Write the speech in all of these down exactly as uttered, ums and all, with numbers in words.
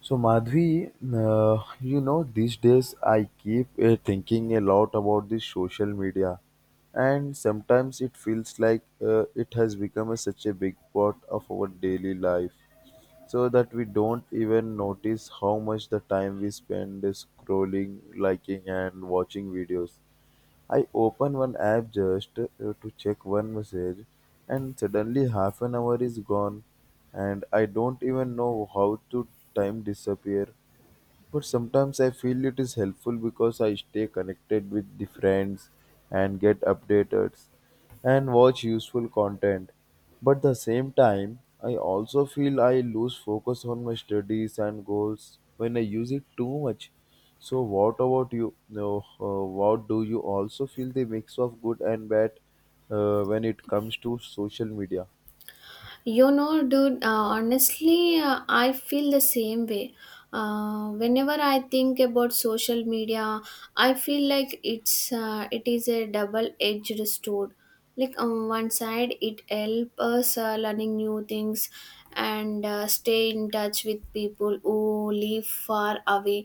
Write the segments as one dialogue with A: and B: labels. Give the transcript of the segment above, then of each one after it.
A: So Madhvi, uh, you know, these days I keep uh, thinking a lot about this social media, and sometimes it feels like uh, it has become a, such a big part of our daily life, so that we don't even notice how much the time we spend scrolling, liking, and watching videos. I open one app just uh, to check one message, and suddenly half an hour is gone, and I don't even know how to time disappear. But sometimes I feel it is helpful because I stay connected with the friends and get updated and watch useful content. But at the same time, I also feel I lose focus on my studies and goals when I use it too much. So what about you? No, uh, what do you also feel the mix of good and bad uh, when it comes to social media?
B: You know, dude, uh, honestly, uh, I feel the same way. Uh, whenever I think about social media, I feel like it's uh, it is a double-edged sword. Like on one side, it helps us uh, learning new things and uh, stay in touch with people who live far away,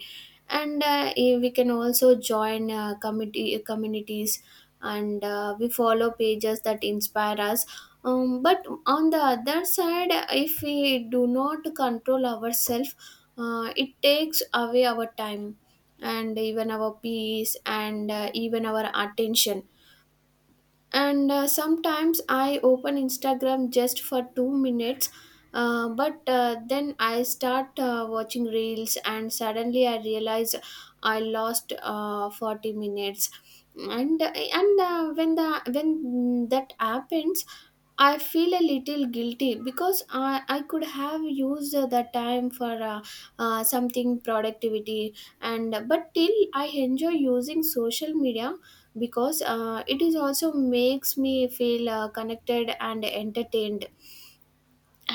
B: and uh, eh, we can also join uh, committee communities and uh, we follow pages that inspire us, um, but on the other side, if we do not control ourselves, uh, it takes away our time and even our peace and uh, even our attention. And uh, sometimes I open Instagram just for two minutes, uh, but uh, then I start uh, watching reels and suddenly I realize I lost uh, forty minutes. And and uh, when the when that happens, I feel a little guilty because I, I could have used the time for uh, uh, something productivity. And but till I enjoy using social media because uh, it is also makes me feel uh, connected and entertained.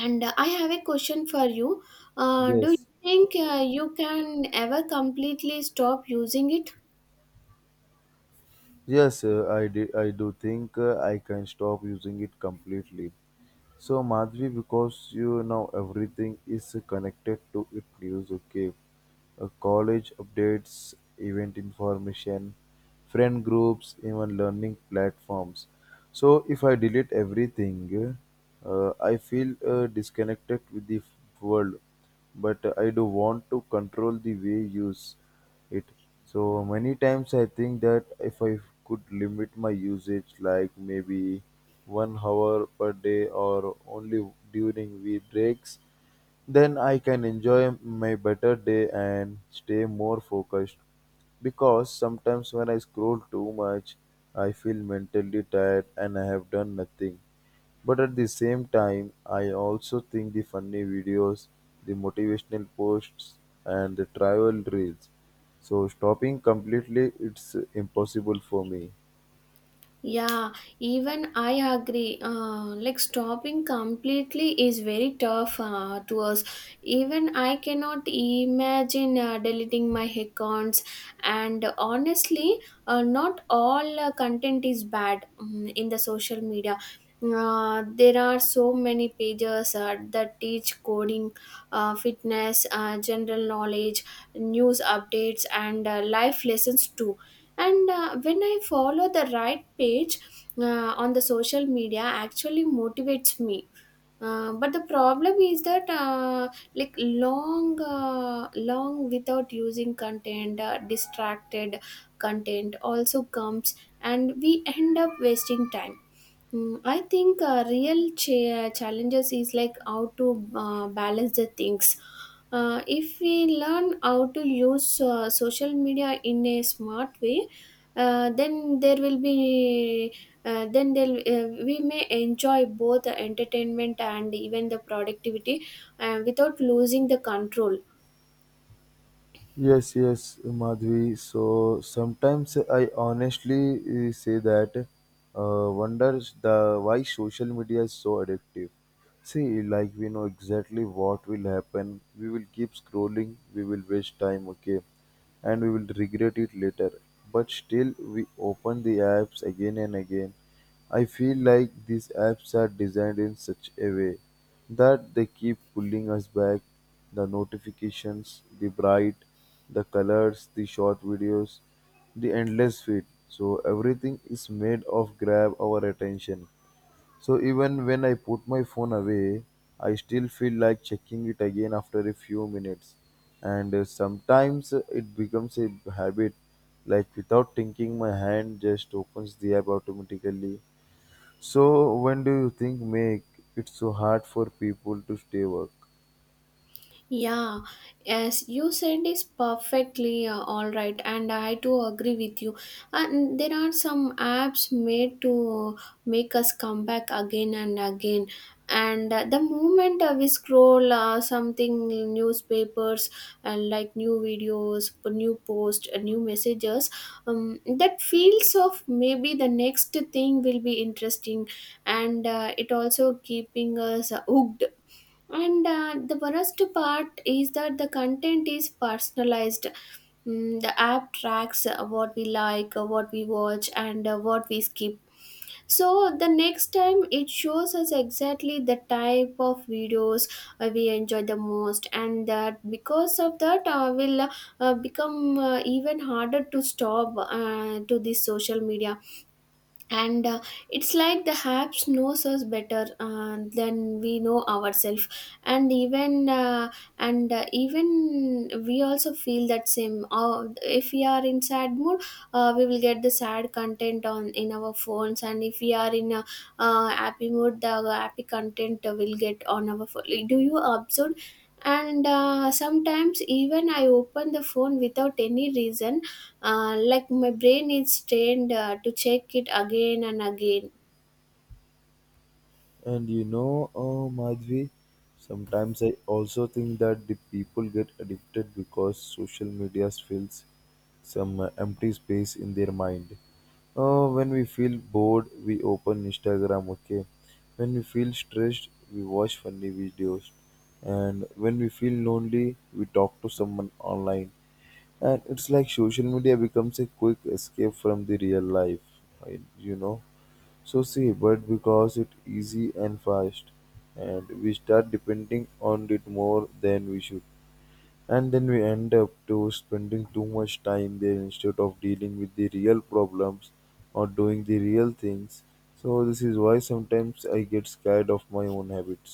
B: And uh, I have a question for you. Uh, do you
A: Yes.
B: think uh, you can ever completely stop using it?
A: Yes, uh, I, di- I do think uh, I can stop using it completely. So, Madhvi, because you know everything is connected to it news, okay? Uh, college updates, event information, friend groups, even learning platforms. So, if I delete everything, uh, I feel uh, disconnected with the f- world, but I do want to control the way use it. So many times I think that if I could limit my usage like maybe one hour per day or only during wee breaks, then I can enjoy my better day and stay more focused. Because sometimes when I scroll too much, I feel mentally tired and I have done nothing. But at the same time, I also think the funny videos, the motivational posts, and the travel reels. So stopping completely, it's impossible for me.
B: Yeah, even I agree. Uh, like stopping completely is very tough uh, to us. Even I cannot imagine uh, deleting my accounts. And honestly, uh, not all uh, content is bad, um, in the social media. Uh, there are so many pages uh, that teach coding, uh, fitness, uh, general knowledge, news updates, and uh, life lessons too. And uh, when I follow the right page uh, on the social media actually motivates me, uh, but the problem is that uh, like long uh, long without using content uh, distracted content also comes, and we end up wasting time. Mm, I think uh, real cha- challenges is like how to uh, balance the things. Uh, if we learn how to use uh, social media in a smart way, uh, then there will be uh, then there uh, we may enjoy both the entertainment and even the productivity uh, without losing the control.
A: Yes, yes, Madhvi. So sometimes I honestly uh, say that uh, wonders the why social media is so addictive. See, like we know exactly what will happen. We will keep scrolling. We will waste time. Okay, and we will regret it later. But still, we open the apps again and again. I feel like these apps are designed in such a way that they keep pulling us back the notifications, the bright, the colors, the short videos, the endless feed. So everything is made of grab our attention. So even when I put my phone away, I still feel like checking it again after a few minutes. And uh, sometimes uh, it becomes a habit, like without thinking, my hand just opens the app automatically, so when do you think make it so hard for people to stay work?
B: Yeah, yes, you said is perfectly uh, all right, and I too agree with you. And there are some apps made to make us come back again and again. And uh, the moment uh, we scroll uh, something, newspapers and like new videos, p- new posts, uh, new messages, um, that feels of maybe the next thing will be interesting, and uh, it also keeping us hooked. And uh, the worst part is that the content is personalized. Mm, the app tracks uh, what we like, uh, what we watch, and uh, what we skip. So the next time it shows us exactly the type of videos uh, we enjoy the most, and that because of that uh, will uh, become uh, even harder to stop uh, to this social media. And uh, It's like the apps knows us better uh, than we know ourselves. And even uh, and uh, Even we also feel that same, uh, if we are in sad mood, uh, we will get the sad content on in our phones, and if we are in a uh, happy mood the happy content will get on our phone. Do you observe? And uh, sometimes even I open the phone without any reason, uh, like my brain is trained uh, to check it again and again.
A: And you know, uh, Madhvi, sometimes I also think that the people get addicted because social media fills some uh, empty space in their mind. Uh, when we feel bored, we open Instagram, okay? When we feel stressed, we watch funny videos. And when we feel lonely, we talk to someone online. And it's like social media becomes a quick escape from the real life, I- you know. So see, but because it's easy and fast, and we start depending on it more than we should, and then we end up to spending too much time there instead of dealing with the real problems or doing the real things. So this is why sometimes I get scared of my own habits.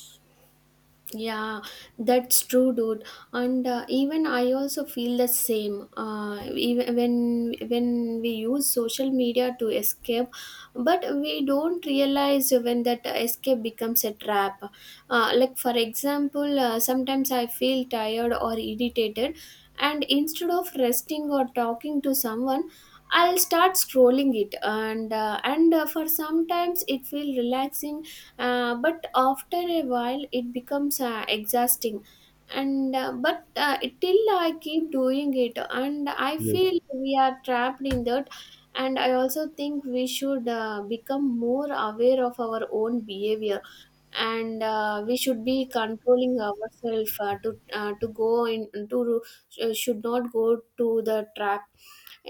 B: Yeah, that's true, dude. And uh, even I also feel the same. Uh, even when when we use social media to escape, but we don't realize when that escape becomes a trap. Uh, like for example, uh, sometimes I feel tired or irritated, and instead of resting or talking to someone. I'll start scrolling it, and uh, and uh, for sometimes it feels relaxing, uh, but after a while it becomes uh, exhausting. And uh, but uh, Till I keep doing it and I
A: Yes.
B: feel we are trapped in that. And I also think we should uh, become more aware of our own behavior, and uh, we should be controlling ourselves uh, to uh, to go in to, uh, should not go to the trap.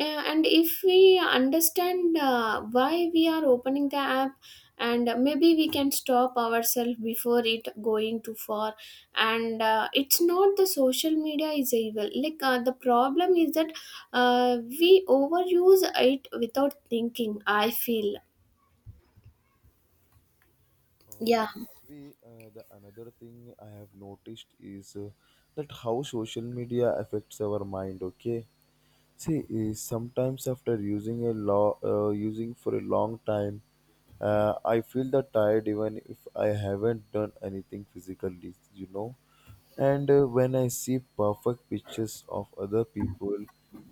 B: Uh, and if we understand uh, why we are opening the app, and maybe we can stop ourselves before it going too far. And uh, it's not the social media is evil, like uh, the problem is that uh, we overuse it without thinking, I feel.
A: Um,
B: Yeah,
A: Madhvi, uh, the another thing I have noticed is uh, that how social media affects our mind. Okay, see, is sometimes after using a law, uh, using for a long time, uh, I feel the tired even if I haven't done anything physically. You know, and uh, when I see perfect pictures of other people,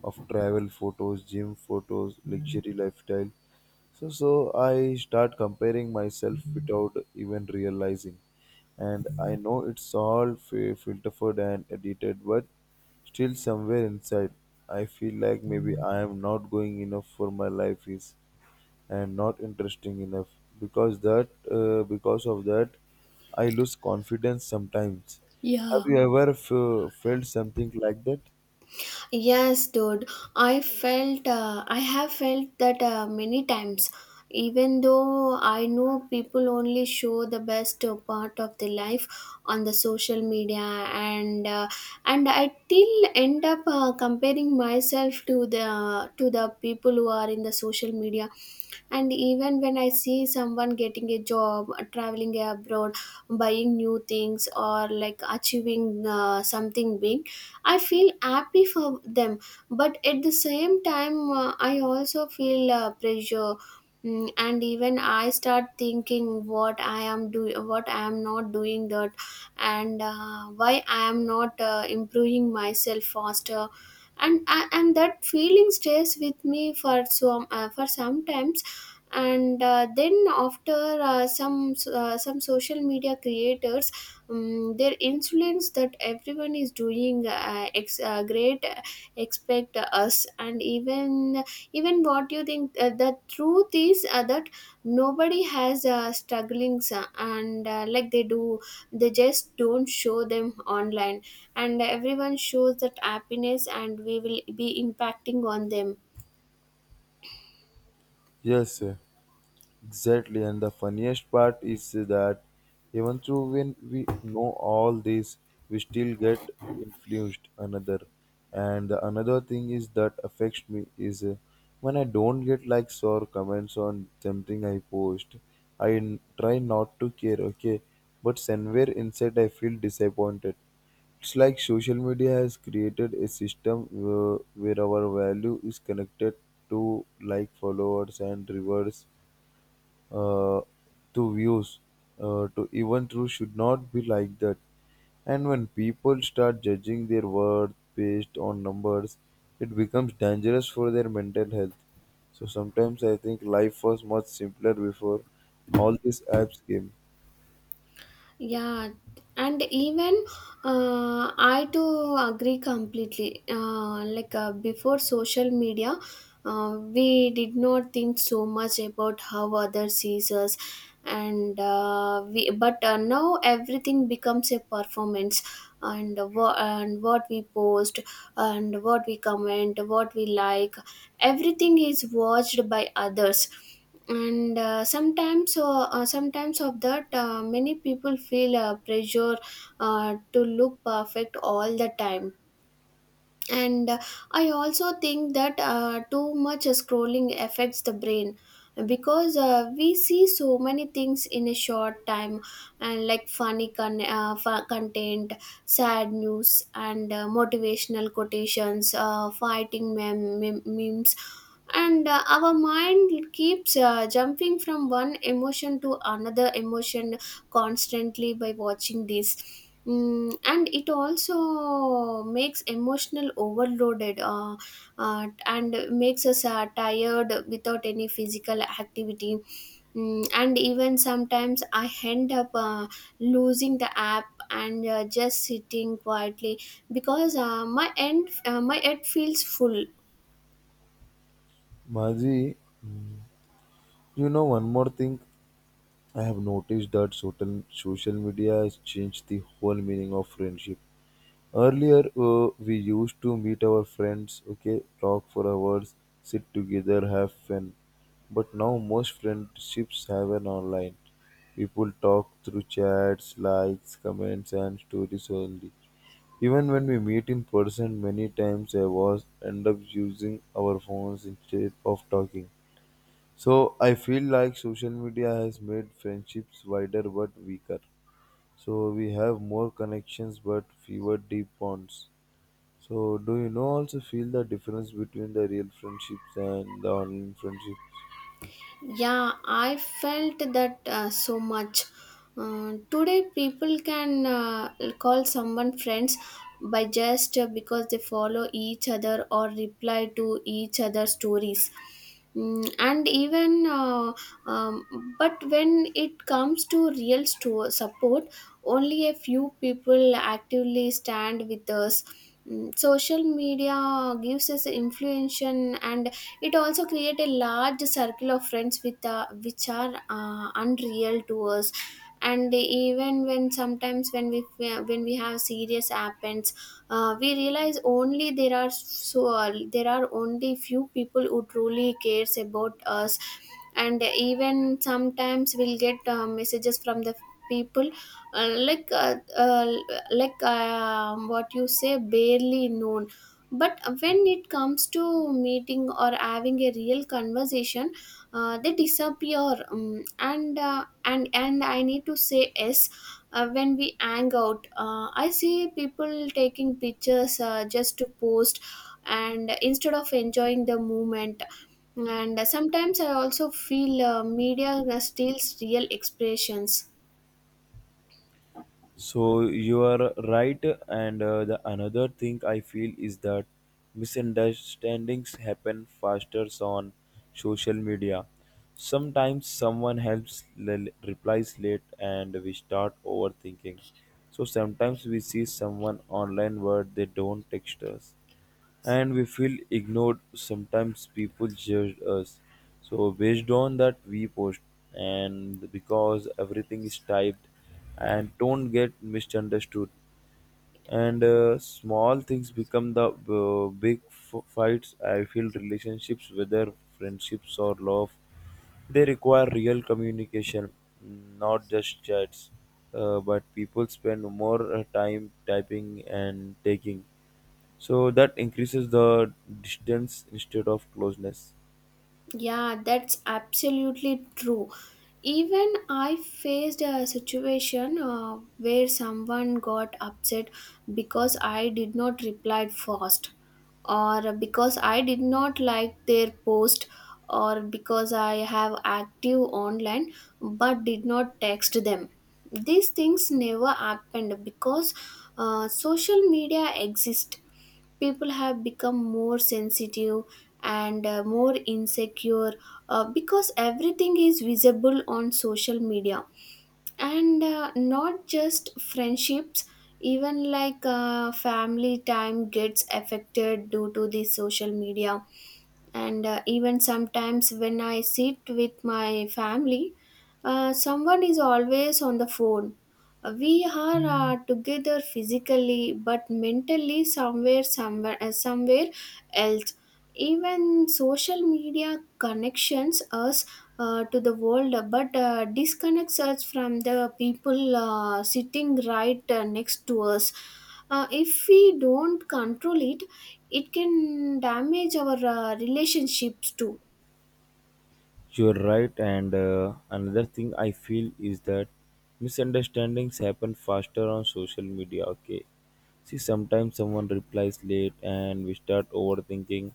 A: of travel photos, gym photos, luxury lifestyle. So, so I start comparing myself without even realizing. And I know it's all fi- filtered and edited, but still somewhere inside, I feel like maybe I am not going enough for my life is and not interesting enough. Because that, uh, because of that, I lose confidence sometimes. Have
B: yeah,
A: you ever f- felt something like that?
B: yes, dude. I felt, uh, I have felt that uh, many times. Even though I know people only show the best uh, part of their life on the social media, and uh, and I still end up uh, comparing myself to the to the people who are in the social media. And even when I see someone getting a job, traveling abroad, buying new things, or like achieving uh, something big, I feel happy for them, but at the same time uh, I also feel uh, pressure. Mm, and even I start thinking what I am doing, what I am not doing that, and uh, why I am not uh, improving myself faster. And and and that feeling stays with me for some uh, for some time. And uh, then after uh, some uh, Some social media creators, um, their influence that everyone is doing uh, ex- uh, great, uh, expect us. And even, even, what do you think uh, the truth is uh, that nobody has uh, strugglings uh, and uh, like they do, they just don't show them online. And everyone shows that happiness and we will be impacting on them.
A: Yes, sir. Exactly, and the funniest part is that even though when we know all this, we still get influenced another. And the another thing is that affects me is uh, when I don't get likes or comments on something I post, I n- try not to care, okay? But somewhere inside, I feel disappointed. It's like social media has created a system uh, where our value is connected to like followers and rewards, uh, to views, uh, to even true should not be like that. And when people start judging their worth based on numbers, it becomes dangerous for their mental health. So sometimes I think life was much simpler before all these apps came.
B: Yeah, and even uh, I too agree completely. Uh, like uh, before social media, uh, we did not think so much about how others sees us, and uh, we. But uh, now everything becomes a performance, and wha- and what we post, and what we comment, what we like, everything is watched by others. And uh, sometimes uh, uh, Sometimes of that, uh, many people feel uh, pressure uh, to look perfect all the time. And uh, I also think that uh, too much scrolling affects the brain, because uh, we see so many things in a short time, and like funny con- uh, fu- content, sad news, and uh, motivational quotations, uh, fighting mem- mem- memes. And uh, our mind keeps uh, jumping from one emotion to another emotion constantly by watching this. Mm, and it also makes emotional overloaded, uh, uh, and makes us uh, tired without any physical activity. Mm, and even sometimes I end up uh, losing the app and uh, just sitting quietly, because uh, my end uh, my head feels full.
A: Maji, you know one more thing I have noticed that social social media has changed the whole meaning of friendship. Earlier, uh, we used to meet our friends, okay, talk for hours, sit together, have fun. But now most friendships happen online. People talk through chats, likes, comments, and stories only. Even when we meet in person, many times I was end up using our phones instead of talking. So I feel like social media has made friendships wider but weaker. So we have more connections but fewer deep bonds. So, do you know also feel the difference between the real friendships and the online friendships?
B: Yeah, I felt that uh, so much. Uh, today, people can uh, call someone friends by just uh, because they follow each other or reply to each other's stories. Mm, and even, uh, um, but when it comes to real sto- support, only a few people actively stand with us. Mm, social media gives us influence, and it also create a large circle of friends with, uh, which are uh, unreal to us. And even when sometimes when we when we have serious happens, uh, we realize only there are so uh, there are only few people who truly cares about us. And even sometimes we'll get uh, messages from the people, uh, like uh, uh, like um, what you say, barely known, but when it comes to meeting or having a real conversation, uh, they disappear, um, and uh, and and I need to say yes, uh, when we hang out uh, I see people taking pictures uh, just to post and instead of enjoying the moment. And sometimes I also feel uh, media steals real expressions.
A: So, you are right, and uh, the another thing I feel is that misunderstandings happen faster on social media. Sometimes someone helps l- replies late, and we start overthinking. So sometimes we see someone online where they don't text us and we feel ignored. Sometimes people judge us. So based on that we post, and because everything is typed, and don't get misunderstood, and uh, small things become the uh, big f- fights. I feel relationships, whether friendships or love, they require real communication, not just chats, uh, but people spend more uh, time typing and taking, so that increases the distance instead of closeness.
B: Yeah, that's absolutely true. Even I faced a situation uh, where someone got upset because I did not reply fast, or because I did not like their post, or because I have active online but did not text them. These things never happened because uh, social media exists. People have become more sensitive and uh, more insecure, uh, because everything is visible on social media. And uh, not just friendships, even like uh, family time gets affected due to the social media. And uh, even sometimes when I sit with my family, uh, someone is always on the phone. Uh, we are, hmm, uh, together physically but mentally somewhere somewhere uh, somewhere else. Even social media connections us uh, to the world but uh, disconnects us from the people uh, sitting right uh, next to us. Uh, if we don't control it, it can damage our uh, relationships too.
A: You're right, and uh, another thing I feel is that misunderstandings happen faster on social media. Okay, see, sometimes someone replies late, and we start overthinking.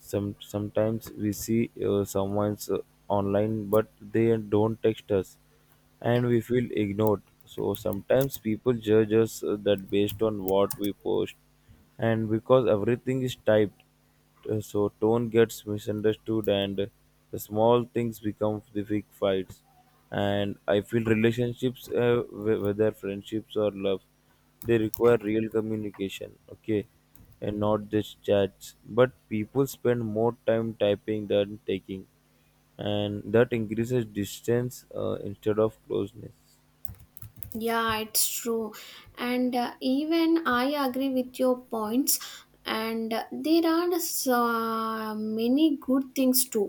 A: Some sometimes we see uh, someone's uh, online, but they don't text us, and we feel ignored. So sometimes people judge us uh, that based on what we post, and because everything is typed, uh, so tone gets misunderstood, and the small things become the big fights. And I feel relationships, uh, wh- whether friendships or love, they require real communication. Okay. And not just chats, but people spend more time typing than taking, and that increases distance uh, instead of closeness.
B: Yeah, it's true. And uh, even I agree with your points, and uh, there are uh, many good things too.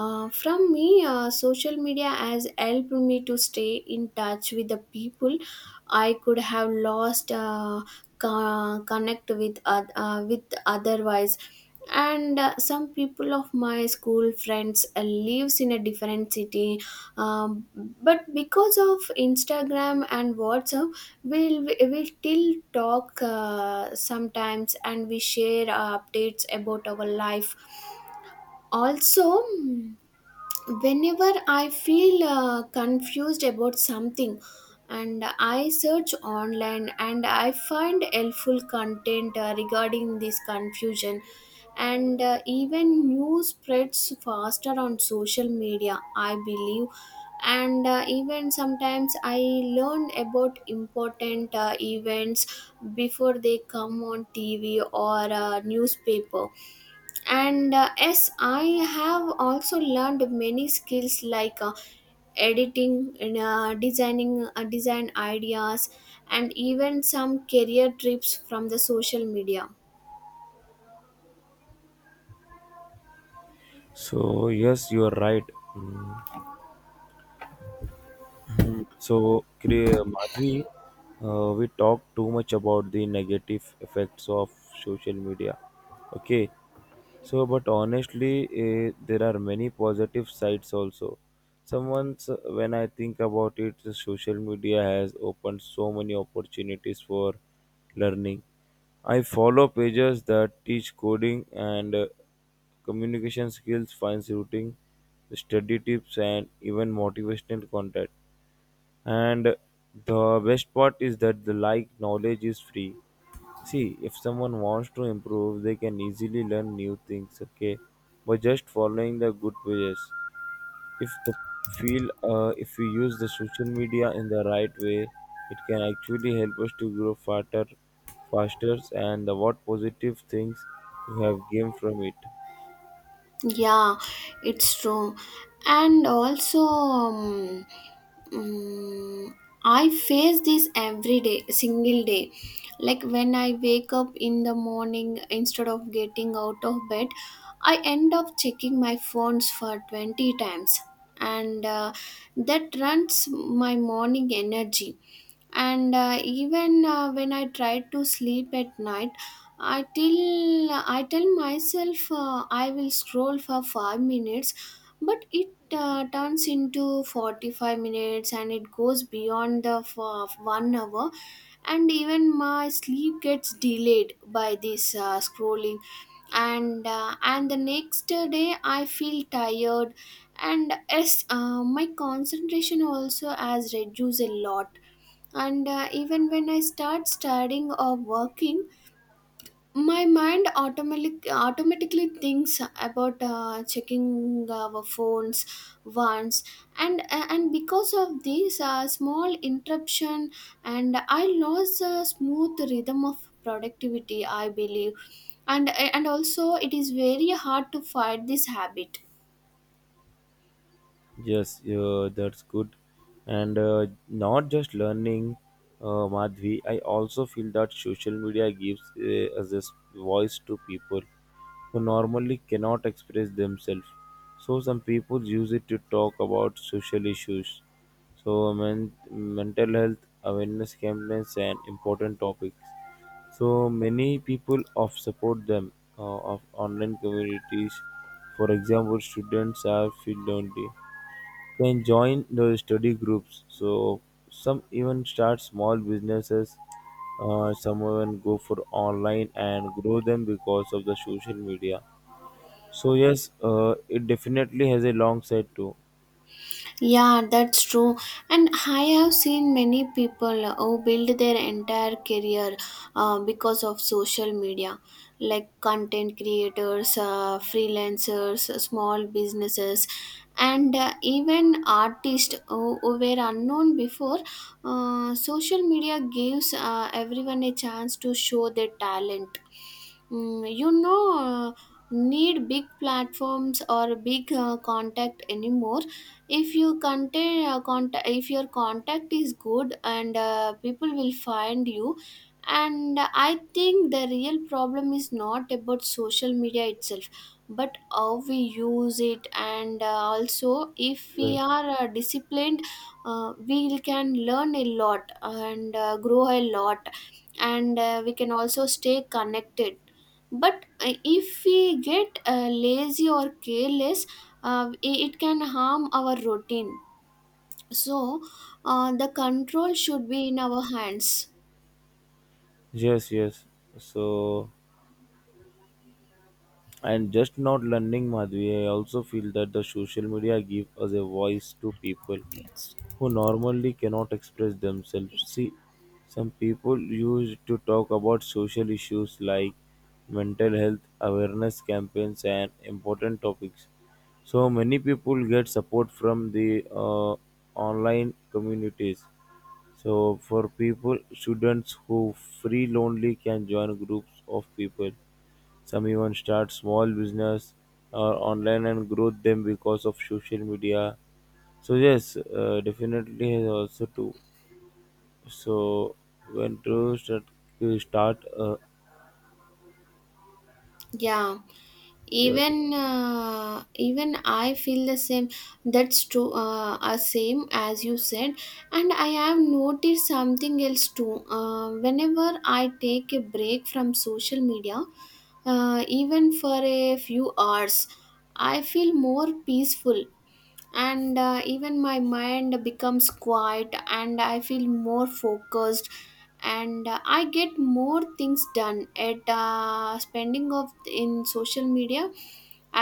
B: Uh, from me, uh, social media has helped me to stay in touch with the people I could have lost uh, co- connect with oth- uh, with otherwise. And uh, some people of my school friends uh, lives in a different city, um, but because of Instagram and WhatsApp, we'll we'll still talk uh, sometimes, and we share uh, updates about our life. Also, whenever I feel uh, confused about something, and I search online and I find helpful content uh, regarding this confusion. And uh, even news spreads faster on social media, I believe. And uh, even sometimes I learn about important uh, events before they come on tv or uh, newspaper. And uh, yes, I have also learned many skills like uh, editing, uh, designing, uh, design ideas, and even some career trips from the social media.
A: So yes, you are right. Mm. So Kri- Madhvi, uh, we talk too much about the negative effects of social media. Okay, so, but honestly, uh, there are many positive sides also. Someone's when I think about it, the social media has opened so many opportunities for learning. I follow pages that teach coding and uh, communication skills, fine routing, study tips, and even motivational content. And the best part is that the like knowledge is free. See, if someone wants to improve, they can easily learn new things, okay, by just following the good pages. If the feel, uh, if we use the social media in the right way, it can actually help us to grow faster, faster, and the what positive things you have gained from it.
B: Yeah, it's true. And also, um, mm, I face this every day, single day. Like when I wake up in the morning, instead of getting out of bed, I end up checking my phones for twenty times. And uh, that runs my morning energy. And uh, even uh, when I try to sleep at night, I till I tell myself uh, I will scroll for five minutes, but it uh, turns into forty-five minutes, and it goes beyond the f- one hour. And even my sleep gets delayed by this uh, scrolling. And uh, and the next day I feel tired. And yes, uh, my concentration also has reduced a lot. And uh, even when I start studying or working, my mind automatic, automatically thinks about uh, checking our phones once. And uh, and because of this uh, small interruption, and I lost the smooth rhythm of productivity, I believe. And uh, and also, it is very hard to fight this habit.
A: Yes, uh, that's good. And uh, not just learning, uh, Madhvi, I also feel that social media gives uh, us this voice to people who normally cannot express themselves. So some people use it to talk about social issues. So men- mental health awareness campaigns and important topics. So many people of support them uh, of online communities. For example, students are feel lonely can join the study groups. So some even start small businesses. Uh, some even go for online and grow them because of the social media. So yes, uh, it definitely has a long side too.
B: Yeah, that's true. And I have seen many people who build their entire career uh, because of social media, like content creators, uh, freelancers, small businesses, and uh, even artists who, who were unknown before. Uh, social media gives uh, everyone a chance to show their talent. Mm, you know, uh, need big platforms or big uh, contact anymore. If you contain uh, contact, if your contact is good, and uh, people will find you. And I think the real problem is not about social media itself, but how we use it. And uh, also, if we
A: Yes,
B: are uh, disciplined, uh, we can learn a lot and uh, grow a lot. And uh, we can also stay connected. But uh, if we get uh, lazy or careless, uh, i- it can harm our routine. So uh, the control should be in our hands.
A: yes, yes. So, and just not learning Madhvi, I also feel that the social media give us a
B: Yes,
A: voice to
B: ma'am.
A: people
B: It's,
A: who normally cannot express themselves.
B: it's
A: See, some people used to talk about social issues like mental health awareness campaigns and important topics. So many people get support from the uh, online communities. So for people, students who feel lonely can join groups of people, some even start small business or online and grow them because of social media. So yes, uh, definitely has also too. So when to start, to start uh,
B: yeah.
A: your
B: Even uh, even I feel the same. That's true, uh, uh, same as you said. And I have noticed something else too. Uh, whenever I take a break from social media, uh, even for a few hours, I feel more peaceful. And uh, even my mind becomes quiet and I feel more focused. And uh, I get more things done. At uh, spending of in social media,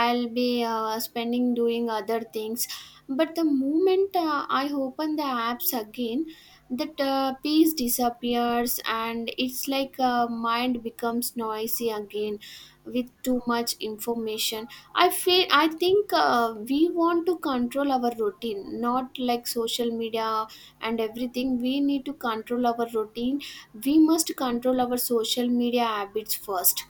B: I'll be uh, spending doing other things. But the moment uh, I open the apps again, that uh, peace disappears, and it's like uh, mind becomes noisy again with too much information. I feel I think uh, we want to control our routine, not like social media and everything. We need to control our routine. We must control our social media habits first,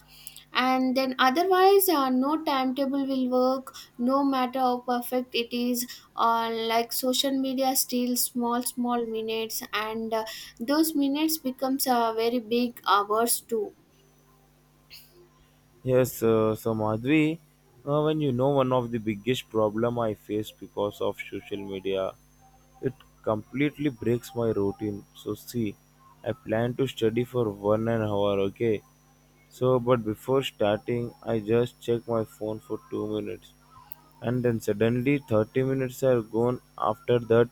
B: and then otherwise, uh, no timetable will work. No matter how perfect it is, uh, like social media steals small small minutes, and uh, those minutes becomes uh, very big hours too.
A: Yes, uh, so Madhvi, uh, when you know one of the biggest problem I face because of social media, it completely breaks my routine. So see, I plan to study for one an hour, okay? So, but before starting, I just check my phone for two minutes, and then suddenly thirty minutes are gone. After that,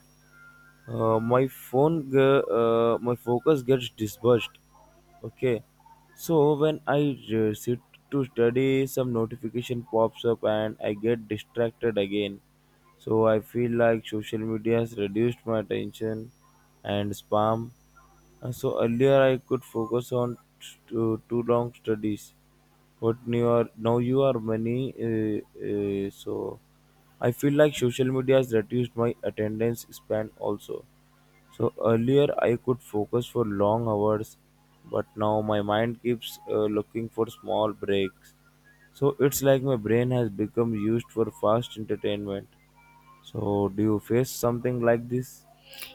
A: uh, my phone ge- uh, my focus gets dispersed, okay, so when i uh, sit to study some notification pops up and I get distracted again. So I feel like social media has reduced my attention and spam. Uh, so earlier I could focus on t- too too long studies, but you are now you are many. Uh, uh, so I feel like social media has reduced my attendance span also. So earlier I could focus for long hours, but now my mind keeps uh, looking for small breaks. So it's like my brain has become used for fast entertainment. So do you face something like this?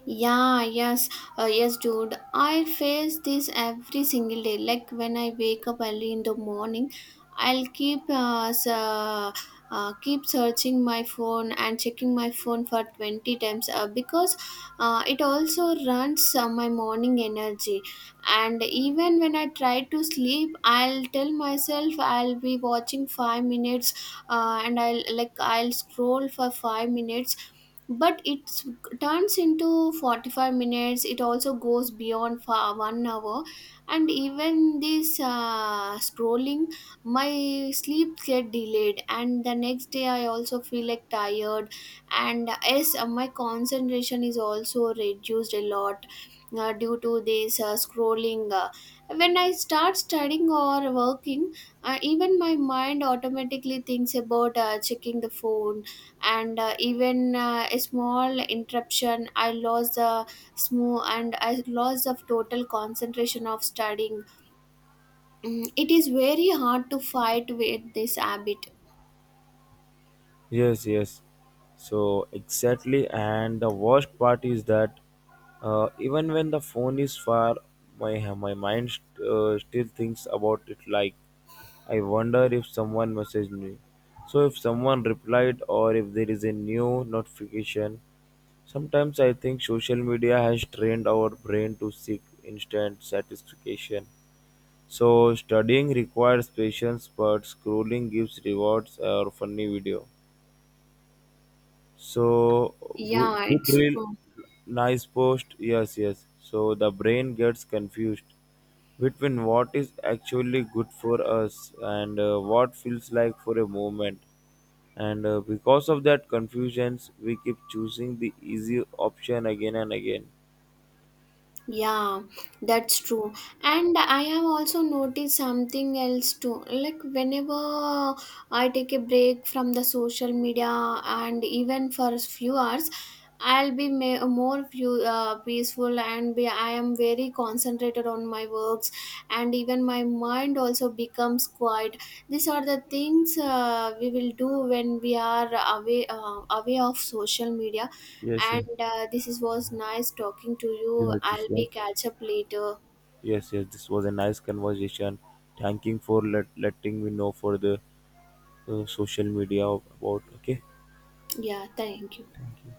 B: Yeah, yes, uh, yes, dude. I face this every single day. Like when I wake up early in the morning, I'll keep uh, s- uh, uh, keep searching my phone and checking my phone for twenty times uh, because uh, it also runs uh, my morning energy. And even when I try to sleep, I'll tell myself I'll be watching five minutes, uh, and I'll like I'll scroll for five minutes, but it's turns into forty-five minutes, it also goes beyond for one hour. And even this uh, scrolling, my sleep get delayed, and the next day I also feel like tired. And yes, uh, my concentration is also reduced a lot uh, due to this uh, scrolling. Uh, when I start studying or working, uh, even my mind automatically thinks about uh, checking the phone. And uh, even uh, a small interruption, I lost the smooth, and I lost of total concentration of studying. Mm, it is very hard to fight with this habit.
A: Yes, yes. So exactly, and the worst part is that uh, even when the phone is far, my my mind st- uh, still thinks about it. Like I wonder if someone messaged me. So if someone replied, or if there is a new notification. Sometimes I think social media has trained our brain to seek instant satisfaction. So studying requires patience, but scrolling gives rewards or funny video. So good,
B: Yeah,
A: good
B: it's
A: reel,
B: true.
A: nice post. Yes, yes. So the brain gets confused between what is actually good for us and uh, what feels like for a moment. And uh, because of that confusions, we keep choosing the easy option again and again.
B: Yeah, that's true. And I have also noticed something else too. Like, whenever I take a break from the social media, and even for a few hours, I'll be ma- more few, uh, peaceful, and be, I am very concentrated on my works. And even my mind also becomes quiet. These are the things uh, we will do when we are away, uh, away of social media.
A: Yes, yes,
B: And uh, this is, was nice talking to
A: yes.
B: you.
A: This
B: I'll be
A: was
B: catch up later.
A: yes, yes. This was a nice conversation. Thanking for let, letting me know for the uh, social media about. Okay,
B: Yeah, thank you.
A: thank you.